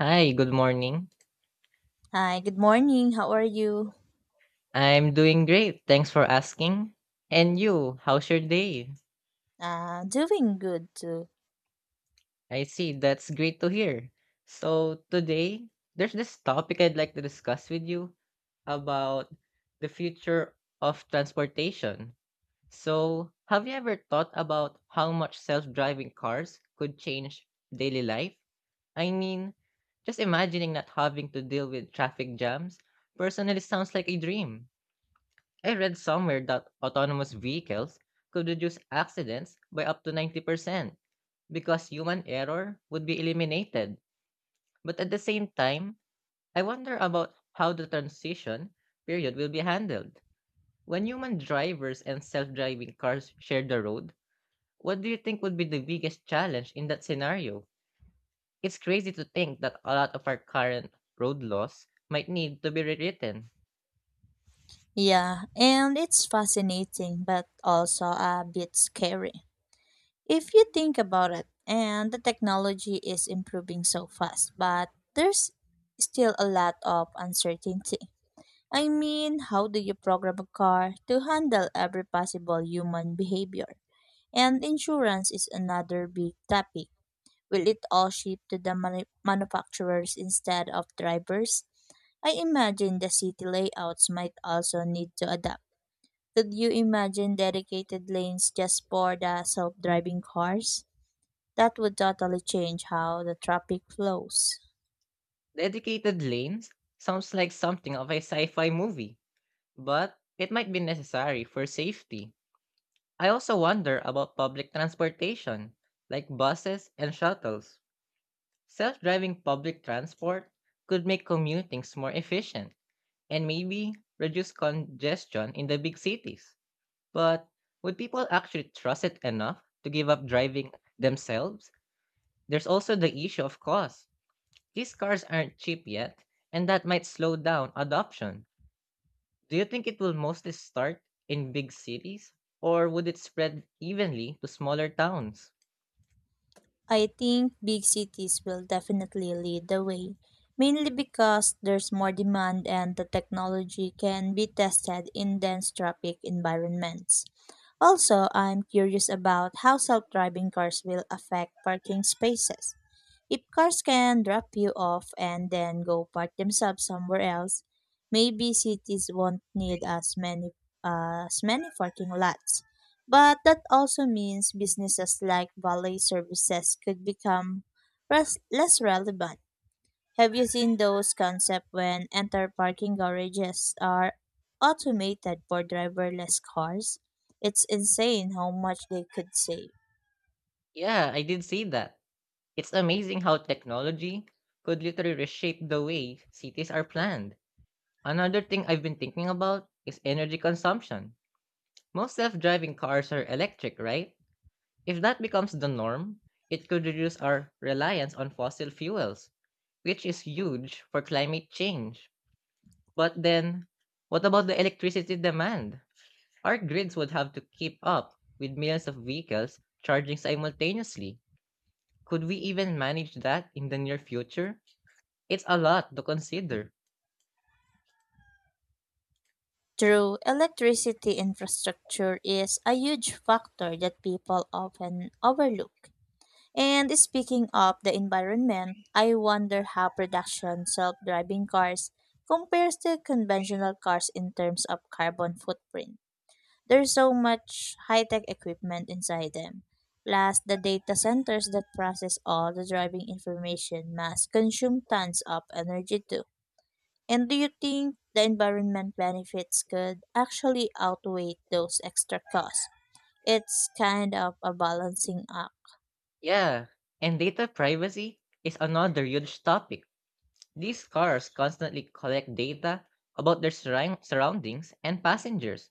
Hi, good morning. Hi, good morning. How are you? I'm doing great. Thanks for asking. And you, how's your day? Doing good too. I see. That's great to hear. So, today, there's this topic I'd like to discuss with you about the future of transportation. So, have you ever thought about how much self driving cars could change daily life? I mean, just imagining not having to deal with traffic jams personally sounds like a dream. I read somewhere that autonomous vehicles could reduce accidents by up to 90% because human error would be eliminated. But at the same time, I wonder about how the transition period will be handled. When human drivers and self driving cars share the road, what do you think would be the biggest challenge in that scenario? It's crazy to think that a lot of our current road laws might need to be rewritten. Yeah, and it's fascinating but also a bit scary. If you think about it, and the technology is improving so fast, but there's still a lot of uncertainty. I mean, how do you program a car to handle every possible human behavior? And insurance is another big topic. Will it all shift to the manufacturers instead of drivers? I imagine the city layouts might also need to adapt. Could you imagine dedicated lanes just for the self driving cars? That would totally change how the traffic flows. Dedicated lanes sounds like something of a sci fi movie, but it might be necessary for safety. I also wonder about public transportation, like buses and shuttles. Self driving public transport could make commutings more efficient and maybe reduce congestion in the big cities. But would people actually trust it enough to give up driving themselves? There's also the issue of cost. These cars aren't cheap yet, and that might slow down adoption. Do you think it will mostly start in big cities or would it spread evenly to smaller towns? I think big cities will definitely lead the way, mainly because there's more demand and the technology can be tested in dense traffic environments. Also, I'm curious about how self driving cars will affect parking spaces. If cars can drop you off and then go park themselves somewhere else, maybe cities won't need as many parking lots. But that also means businesses like valet services could become less relevant. Have you seen those concepts when entire parking garages are automated for driverless cars? It's insane how much they could save. Yeah, I did see that. It's amazing how technology could literally reshape the way cities are planned. Another thing I've been thinking about is energy consumption. Most self driving cars are electric, right? If that becomes the norm, it could reduce our reliance on fossil fuels, which is huge for climate change. But then, what about the electricity demand? Our grids would have to keep up with millions of vehicles charging simultaneously. Could we even manage that in the near future? It's a lot to consider. True, electricity infrastructure is a huge factor that people often overlook. And speaking of the environment, I wonder how production self-driving cars compares to conventional cars in terms of carbon footprint. There's so much high-tech equipment inside them. Plus, the data centers that process all the driving information must consume tons of energy too. And do you think the environment benefits could actually outweigh those extra costs? It's kind of a balancing act. Yeah, and data privacy is another huge topic. These cars constantly collect data about their surroundings and passengers.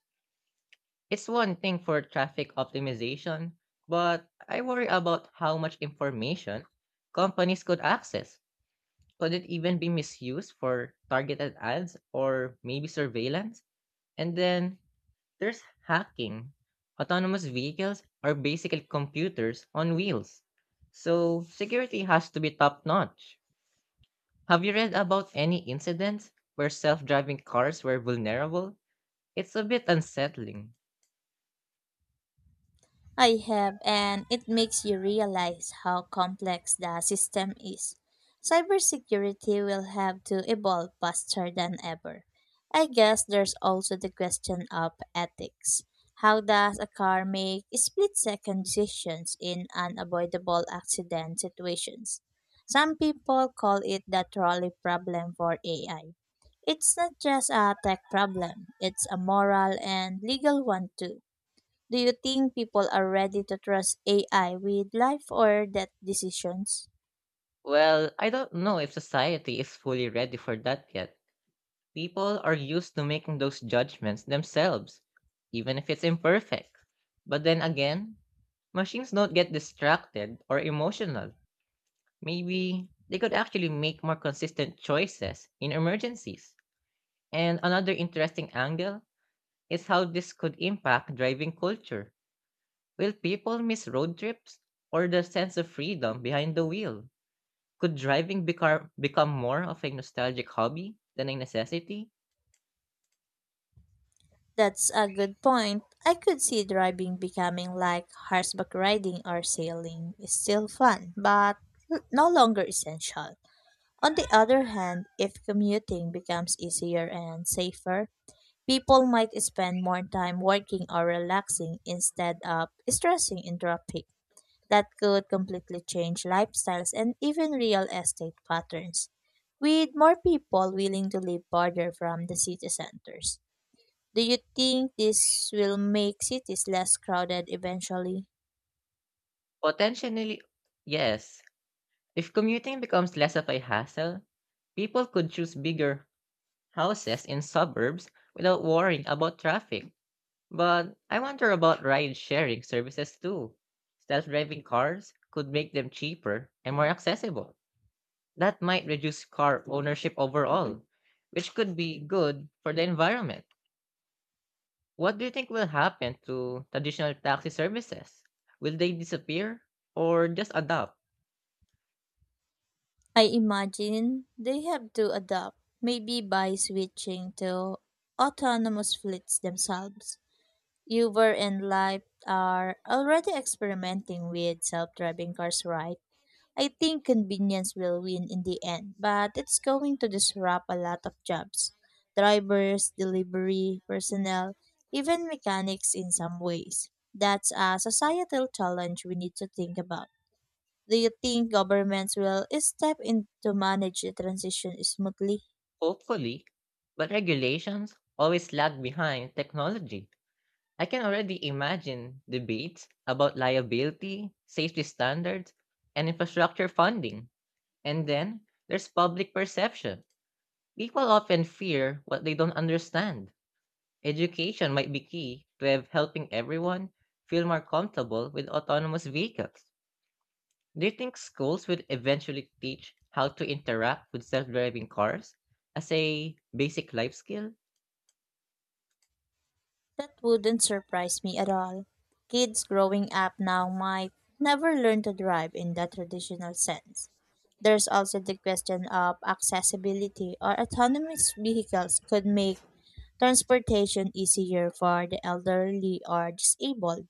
It's one thing for traffic optimization, but I worry about how much information companies could access. Could it even be misused for targeted ads or maybe surveillance? And then there's hacking. Autonomous vehicles are basically computers on wheels. So security has to be top notch. Have you read about any incidents where self driving cars were vulnerable? It's a bit unsettling. I have, and it makes you realize how complex the system is. Cybersecurity will have to evolve faster than ever. I guess there's also the question of ethics. How does a car make split second decisions in unavoidable accident situations? Some people call it the trolley problem for AI. It's not just a tech problem, it's a moral and legal one too. Do you think people are ready to trust AI with life or death decisions? Well, I don't know if society is fully ready for that yet. People are used to making those judgments themselves, even if it's imperfect. But then again, machines don't get distracted or emotional. Maybe they could actually make more consistent choices in emergencies. And another interesting angle is how this could impact driving culture. Will people miss road trips or the sense of freedom behind the wheel? Could driving become more of a nostalgic hobby than a necessity? That's a good point. I could see driving becoming like horseback riding or sailing. It's still fun, but no longer essential. On the other hand, if commuting becomes easier and safer, people might spend more time working or relaxing instead of stressing in traffic. That could completely change lifestyles and even real estate patterns, with more people willing to live farther from the city centers. Do you think this will make cities less crowded eventually? Potentially, yes. If commuting becomes less of a hassle, people could choose bigger houses in suburbs without worrying about traffic. But I wonder about ride sharing services too. Self driving cars could make them cheaper and more accessible. That might reduce car ownership overall, which could be good for the environment. What do you think will happen to traditional taxi services? Will they disappear or just adapt? I imagine they have to adapt, maybe by switching to autonomous fleets themselves. Uber and Lyft are already experimenting with self driving cars, right? I think convenience will win in the end, but it's going to disrupt a lot of jobs. Drivers, delivery, personnel, even mechanics in some ways. That's a societal challenge we need to think about. Do you think governments will step in to manage the transition smoothly? Hopefully, but regulations always lag behind technology. I can already imagine debates about liability, safety standards, and infrastructure funding. And then there's public perception. People often fear what they don't understand. Education might be key to have helping everyone feel more comfortable with autonomous vehicles. Do you think schools will eventually teach how to interact with self driving cars as a basic life skill? That wouldn't surprise me at all. Kids growing up now might never learn to drive in the traditional sense. There's also the question of accessibility or autonomous vehicles could make transportation easier for the elderly or disabled.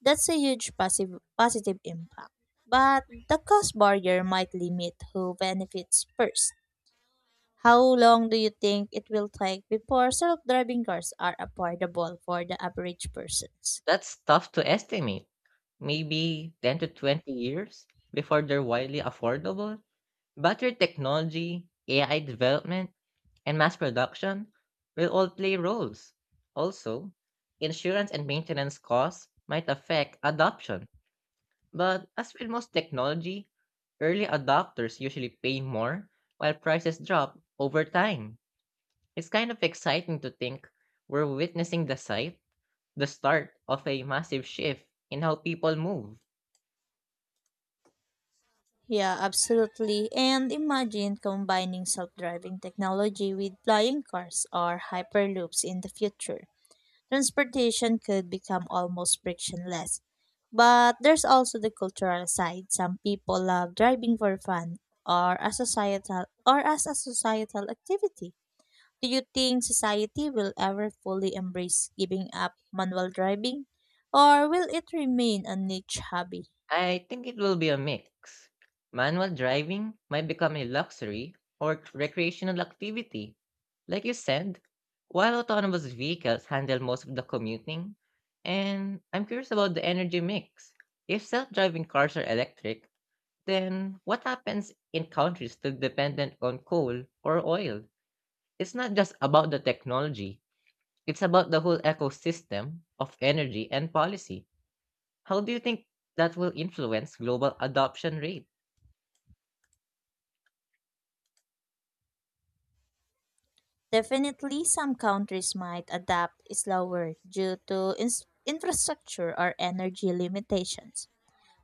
That's a huge positive impact. But the cost barrier might limit who benefits first. How long do you think it will take before self-driving cars are affordable for the average persons? That's tough to estimate. Maybe 10 to 20 years before they're widely affordable. Battery technology, AI development, and mass production will all play roles. Also, insurance and maintenance costs might affect adoption. But as with most technology, early adopters usually pay more while prices drop over time. It's kind of exciting to think we're witnessing the start of a massive shift in how people move. Yeah, absolutely. And imagine combining self-driving technology with flying cars or hyperloops in the future. Transportation could become almost frictionless. But there's also the cultural side. Some people love driving for fun or as a societal activity. Do you think society will ever fully embrace giving up manual driving? Or will it remain a niche hobby? I think it will be a mix. Manual driving might become a luxury or recreational activity. Like you said, while autonomous vehicles handle most of the commuting, and I'm curious about the energy mix. If self driving cars are electric, then what happens in countries still dependent on coal or oil? It's not just about the technology, it's about the whole ecosystem of energy and policy. How do you think that will influence global adoption rate? Definitely, some countries might adapt slower due to infrastructure or energy limitations.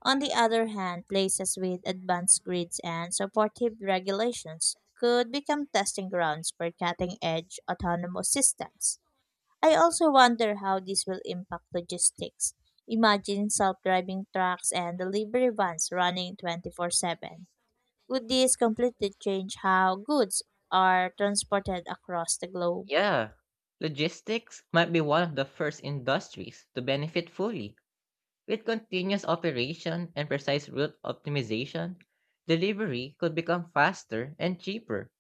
On the other hand, places with advanced grids and supportive regulations could become testing grounds for cutting edge autonomous systems. I also wonder how this will impact logistics. Imagine self-driving trucks and delivery vans running 24/7. Would this completely change how goods are transported across the globe? Yeah, logistics might be one of the first industries to benefit fully. With continuous operation and precise route optimization, delivery could become faster and cheaper.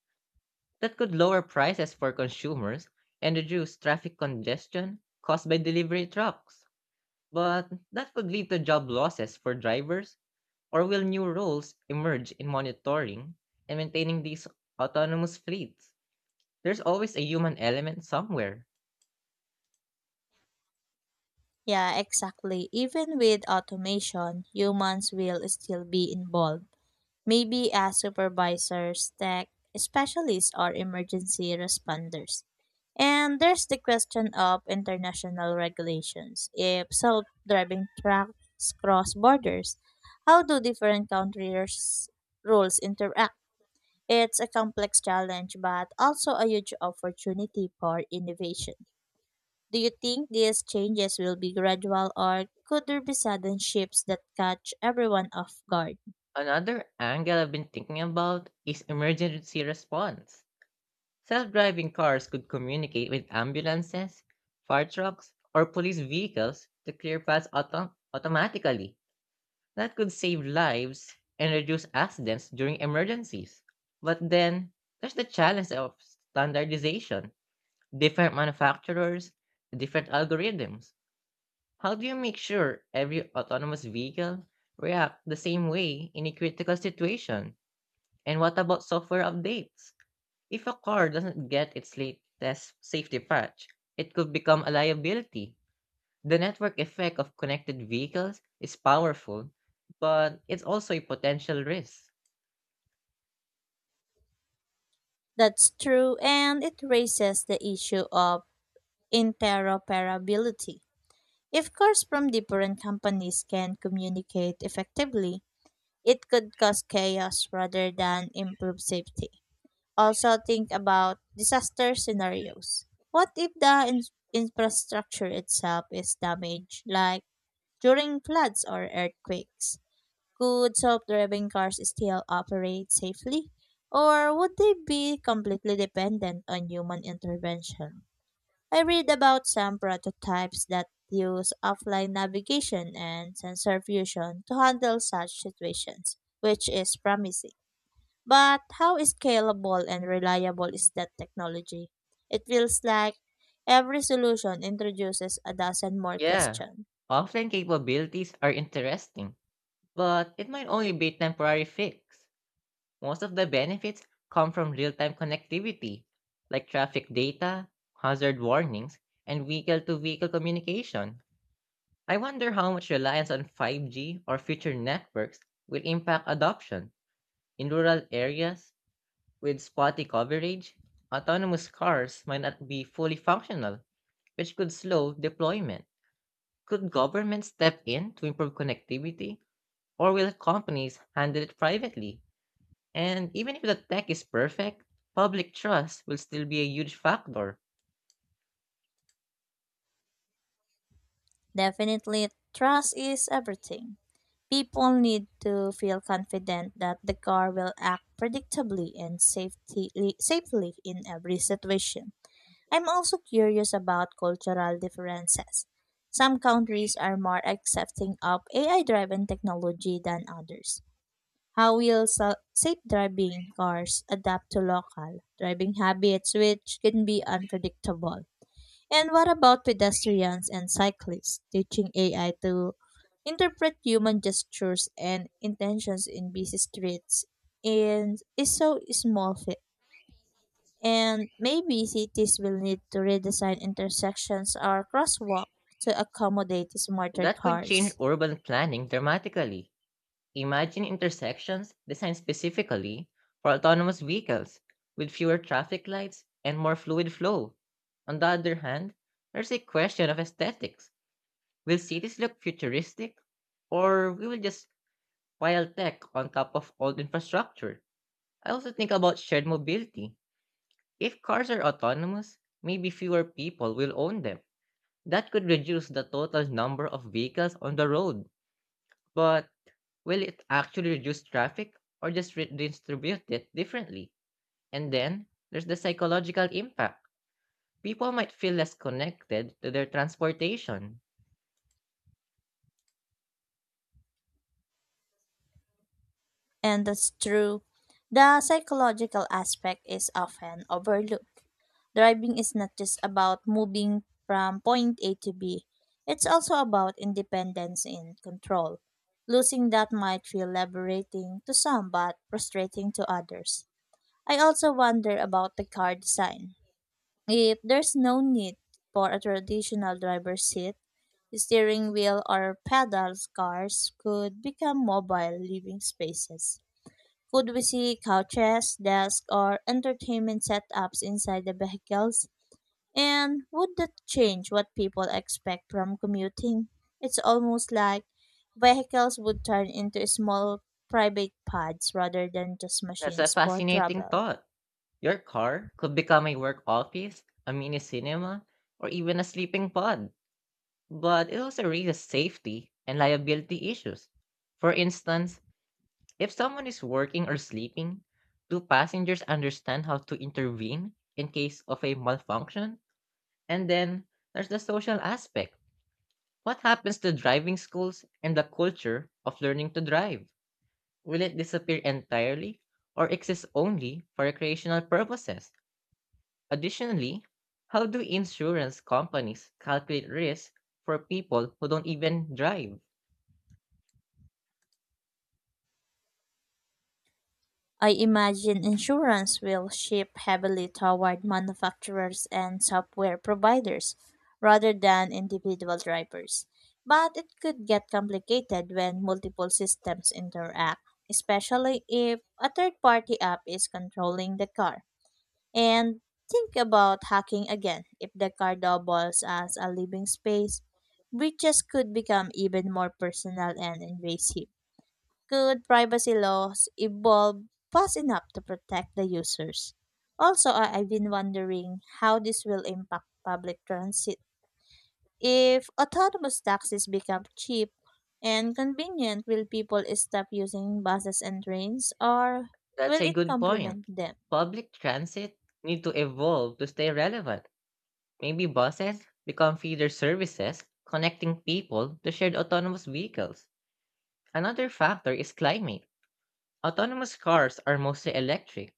That could lower prices for consumers and reduce traffic congestion caused by delivery trucks. But that could lead to job losses for drivers. Or will new roles emerge in monitoring and maintaining these autonomous fleets? There's always a human element somewhere. Yeah, exactly. Even with automation, humans will still be involved. Maybe as supervisors, tech specialists, or emergency responders. And there's the question of international regulations. If self driving trucks cross borders, how do different countries' rules interact? It's a complex challenge, but also a huge opportunity for innovation. Do you think these changes will be gradual, or could there be sudden shifts that catch everyone off guard? Another angle I've been thinking about is emergency response. Self driving cars could communicate with ambulances, fire trucks, or police vehicles to clear paths automatically. That could save lives and reduce accidents during emergencies. But then, there's the challenge of standardization, different manufacturers, different algorithms. How do you make sure every autonomous vehicle react the same way in a critical situation? And what about software updates? If a car doesn't get its latest safety patch, it could become a liability. The network effect of connected vehicles is powerful, but it's also a potential risk. That's true, and it raises the issue of interoperability. If cars from different companies can communicate effectively, it could cause chaos rather than improve safety. Also, think about disaster scenarios. What if the infrastructure itself is damaged, like during floods or earthquakes? Could self-driving cars still operate safely, or would they be completely dependent on human intervention? I read about some prototypes that use offline navigation and sensor fusion to handle such situations, which is promising. But how scalable and reliable is that technology? It feels like every solution introduces a dozen more Yeah, questions. offline capabilities are interesting, but it might only be a temporary fix. Most of the benefits come from real time connectivity, like traffic data, hazard warnings, and vehicle to vehicle communication. I wonder how much reliance on 5G or future networks will impact adoption. In rural areas with spotty coverage, autonomous cars might not be fully functional, which could slow deployment. Could government step in to improve connectivity, or will companies handle it privately? And even if the tech is perfect, public trust will still be a huge factor. Definitely, trust is everything. People need to feel confident that the car will act predictably and safely in every situation. I'm also curious about cultural differences. Some countries are more accepting of AI driven technology than others. How will safe driving cars adapt to local driving habits, which can be unpredictable? And what about pedestrians and cyclists? Teaching AI to interpret human gestures and intentions in busy streets in, is so small, and maybe cities will need to redesign intersections or crosswalk to accommodate smarter That could change cars. urban planning dramatically. Imagine intersections designed specifically for autonomous vehicles with fewer traffic lights and more fluid flow. On the other hand, there's a question of aesthetics. Will cities look futuristic or we will just pile tech on top of old infrastructure? I also think about shared mobility. If cars are autonomous, maybe fewer people will own them. That could reduce the total number of vehicles on the road. But will it actually reduce traffic or just redistribute it differently? And then there's the psychological impact. People might feel less connected to their transportation. And that's true. The psychological aspect is often overlooked. Driving is not just about moving from point A to B. It's also about independence and control. Losing that might feel liberating to some but frustrating to others. I also wonder about the car design. If there's no need for a traditional driver's seat, steering wheel or pedals cars could become mobile living spaces. Could we see couches, desks, or entertainment setups inside the vehicles? And would that change what people expect from commuting? It's almost like vehicles would turn into small private pods rather than just That's a machines for fascinating travel. thought. Your car could become a work office, a mini cinema, or even a sleeping pod, but it also raises safety and liability issues. For instance, if someone is working or sleeping, do passengers understand how to intervene in case of a malfunction? And then there's the social aspect. What happens to driving schools and the culture of learning to drive? Will it disappear entirely or exist only for recreational purposes? Additionally, how do insurance companies calculate risk for people who don't even drive? I imagine insurance will shift heavily toward manufacturers and software providers rather than individual drivers. But it could get complicated when multiple systems interact, especially if a third party app is controlling the car. And think about hacking again. If the car doubles as a living space, breaches could become even more personal and invasive. Could privacy laws evolve fast enough to protect the users? Also, I've been wondering how this will impact public transit. If autonomous taxis become cheap and convenient, will people stop using buses and trains, or That's will a it good point. complement them? Public transit need to evolve to stay relevant. Maybe buses become feeder services connecting people to shared autonomous vehicles. Another factor is climate. Autonomous cars are mostly electric,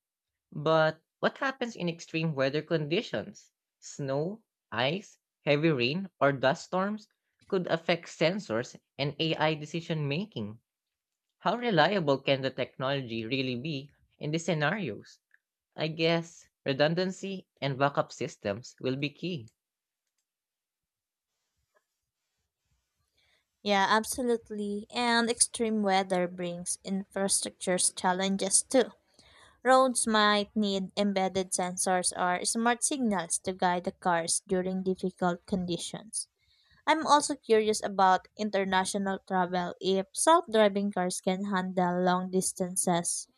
but what happens in extreme weather conditions? Snow, ice, heavy rain, or dust storms could affect sensors and AI decision making. How reliable can the technology really be in these scenarios? I guess redundancy and backup systems will be key. Yeah, absolutely. And extreme weather brings infrastructure challenges too. Roads might need embedded sensors or smart signals to guide the cars during difficult conditions. I'm also curious about international travel. If self driving cars can handle long distances,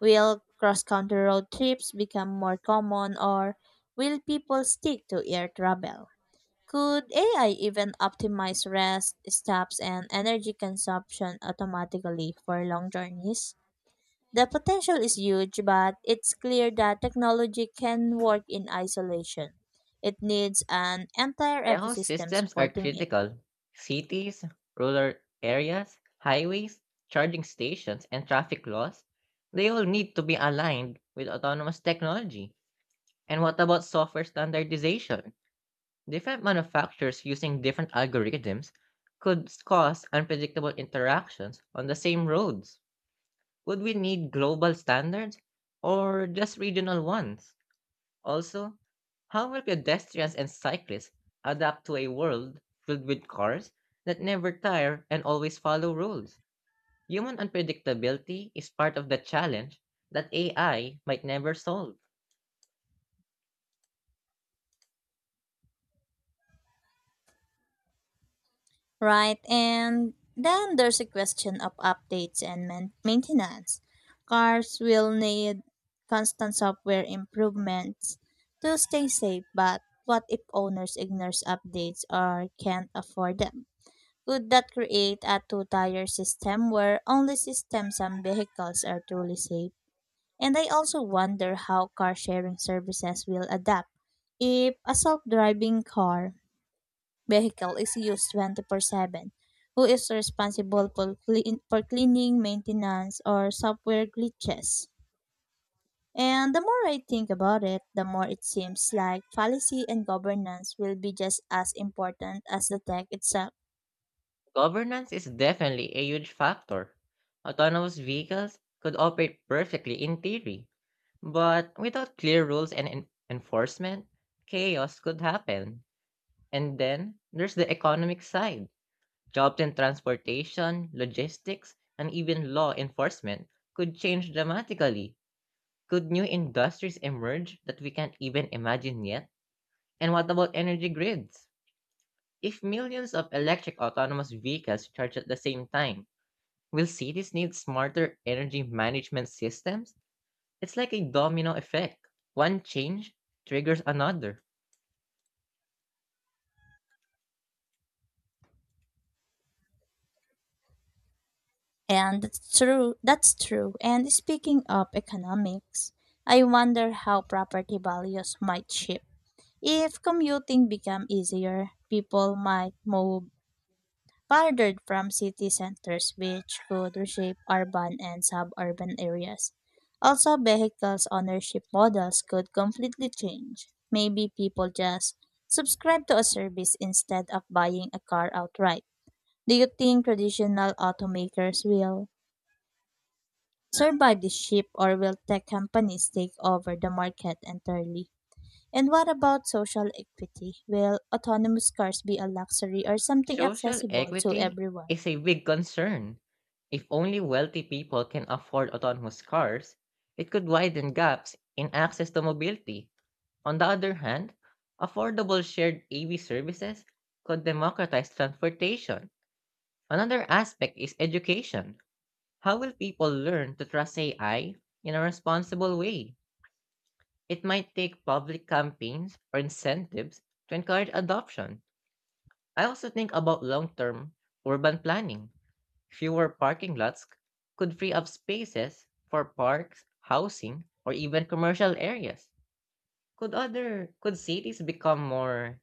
will cross country road trips become more common or will people stick to air travel? Could AI even optimize rest, stops, and energy consumption automatically for long journeys? The potential is huge, but it's clear that technology can work in isolation. It needs an entire ecosystem Ecosystems are supporting it. critical. Cities, rural areas, highways, charging stations, and traffic laws, they all need to be aligned with autonomous technology. And what about software standardization? Different manufacturers using different algorithms could cause unpredictable interactions on the same roads. Would we need global standards or just regional ones? Also, how will pedestrians and cyclists adapt to a world filled with cars that never tire and always follow rules? Human unpredictability is part of the challenge that AI might never solve. Right, and then there's a question of updates and maintenance. Cars will need constant software improvements to stay safe, but what if owners ignores updates or can't afford them? Could that create a two-tier system where only systems and vehicles are truly safe? And I also wonder how car sharing services will adapt if a self-driving car vehicle is used 24/7. Who is responsible for, for cleaning, maintenance, or software glitches? And the more I think about it, the more it seems like policy and governance will be just as important as the tech itself. Governance is definitely a huge factor. Autonomous vehicles could operate perfectly in theory, but without clear rules and enforcement, chaos could happen. And then there's the economic side. Jobs in transportation, logistics, and even law enforcement could change dramatically. Could new industries emerge that we can't even imagine yet? And what about energy grids? If millions of electric autonomous vehicles charge at the same time, will cities need smarter energy management systems? It's like a domino effect. One change triggers another. And that's true. And speaking of economics, I wonder how property values might shift. If commuting became easier, people might move farther from city centers, which could reshape urban and suburban areas. Also, vehicles' ownership models could completely change. Maybe people just subscribe to a service instead of buying a car outright. Do you think traditional automakers will survive this shift, or will tech companies take over the market entirely? And what about social equity? Will autonomous cars be a luxury or something Social accessible to equity everyone? is a big concern. If only wealthy people can afford autonomous cars, it could widen gaps in access to mobility. On the other hand, affordable shared EV services could democratize transportation. Another aspect is education. How will people learn to trust AI in a responsible way? It might take public campaigns or incentives to encourage adoption. I also think about long term urban planning. Fewer parking lots could free up spaces for parks, housing, or even commercial areas. Could cities become more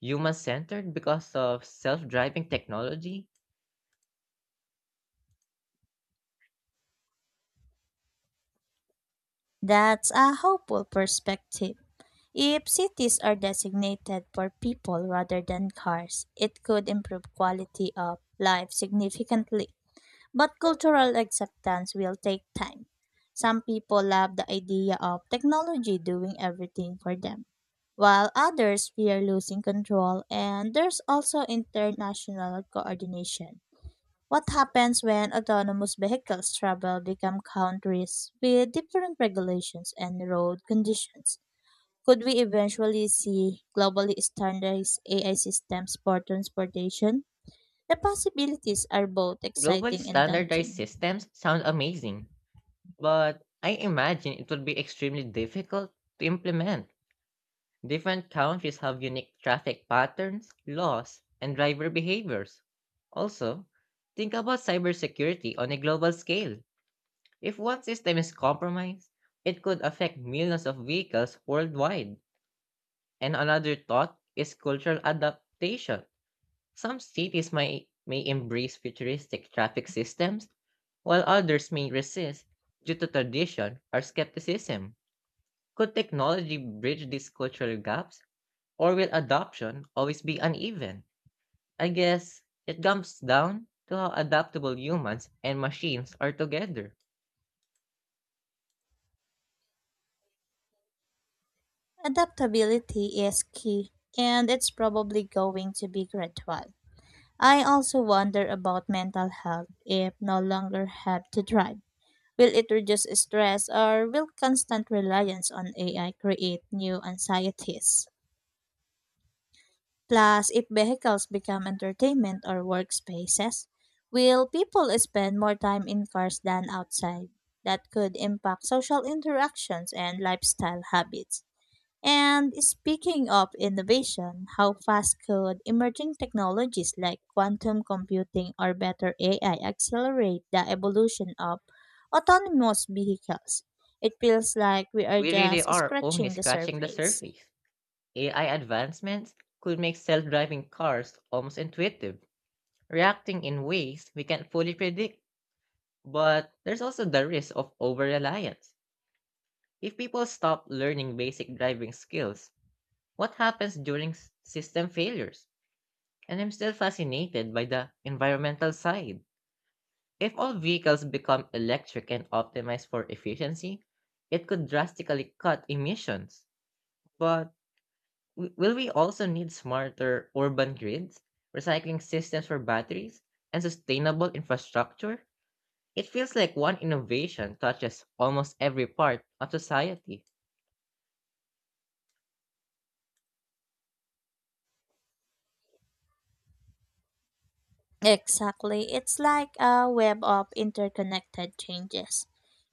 human-centered because of self-driving technology? That's a hopeful perspective. If cities are designated for people rather than cars, it could improve quality of life significantly. But cultural acceptance will take time. Some people love the idea of technology doing everything for them, while others fear losing control, and there's also international coordination. What happens when autonomous vehicles travel become countries with different regulations and road conditions? Could we eventually see globally standardized AI systems for transportation? The possibilities are both Globally exciting and standardized daunting. systems sound amazing, but I imagine it would be extremely difficult to implement. Different countries have unique traffic patterns, laws, and driver behaviors. Also, think about cybersecurity on a global scale. If one system is compromised, it could affect millions of vehicles worldwide. And another thought is cultural adaptation. Some cities may embrace futuristic traffic systems, while others may resist due to tradition or skepticism. Could technology bridge these cultural gaps, or will adoption always be uneven? I guess it comes down to how adaptable humans and machines are together. Adaptability is key, and it's probably going to be gradual. I also wonder about mental health if no longer have to drive. Will it reduce stress or will constant reliance on AI create new anxieties? Plus, if vehicles become entertainment or workspaces, will people spend more time in cars than outside? That could impact social interactions and lifestyle habits. And speaking of innovation, how fast could emerging technologies like quantum computing or better AI accelerate the evolution of autonomous vehicles? It feels like we are We really just are only scratching the scratching the surface. surface. AI advancements could make self-driving cars almost intuitive, reacting in ways we can't fully predict. But there's also the risk of over-reliance. If people stop learning basic driving skills, what happens during system failures? And I'm still fascinated by the environmental side. If all vehicles become electric and optimized for efficiency, it could drastically cut emissions. But will we also need smarter urban grids, recycling systems for batteries, and sustainable infrastructure? It feels like one innovation touches almost every part of society. Exactly, it's like a web of interconnected changes.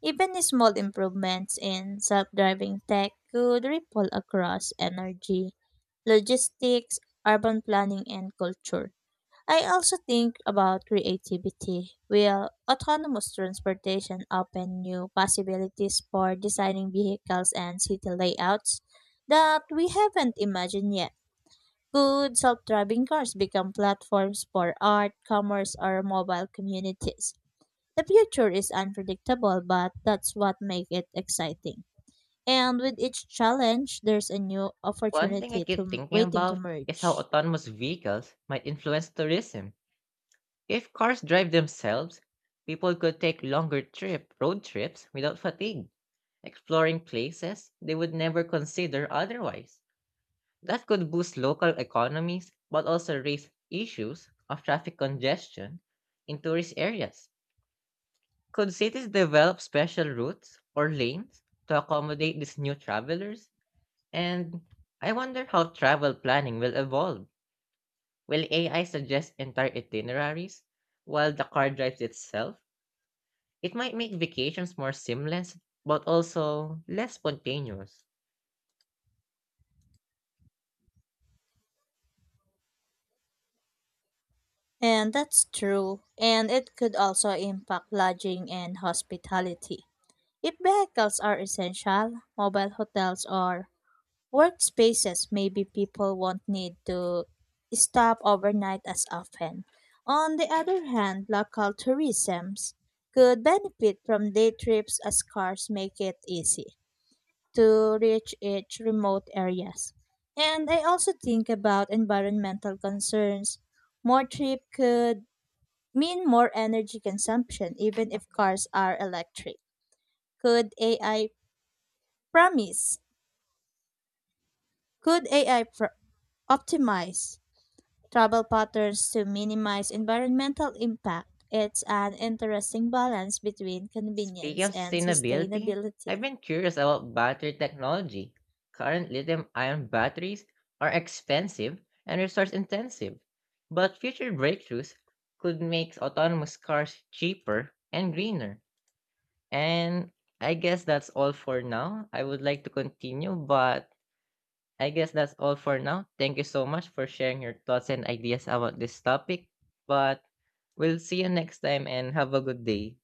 Even small improvements in self driving tech could ripple across energy, logistics, urban planning, and culture. I also think about creativity. Will autonomous transportation open new possibilities for designing vehicles and city layouts that we haven't imagined yet? Could self driving cars become platforms for art, commerce, or mobile communities? The future is unpredictable, but that's what makes it exciting. And with each challenge, there's a new One thing I opportunity keep to thinking waiting to about is how merge. autonomous vehicles might influence tourism. If cars drive themselves, people could take longer trip road trips without fatigue, exploring places they would never consider otherwise. That could boost local economies but also raise issues of traffic congestion in tourist areas. Could cities develop special routes or lanes to accommodate these new travelers? And I wonder how travel planning will evolve. Will AI suggest entire itineraries while the car drives itself? It might make vacations more seamless but also less spontaneous. And that's true. And it could also impact lodging and hospitality. If vehicles are essential, mobile hotels or workspaces, maybe people won't need to stop overnight as often. On the other hand, local tourism could benefit from day trips as cars make it easy to reach each remote areas. And I also think about environmental concerns. More trip could mean more energy consumption even if cars are electric. Could AI promise? Could AI pr- Optimize travel patterns to minimize environmental impact? It's an interesting balance between Speaking convenience of and sustainability, sustainability. I've been curious about battery technology. Current lithium ion batteries are expensive and resource intensive, but future breakthroughs could make autonomous cars cheaper and greener. And I guess that's all for now. I would like to continue, but I guess that's all for now. Thank you so much for sharing your thoughts and ideas about this topic. But we'll see you next time and have a good day.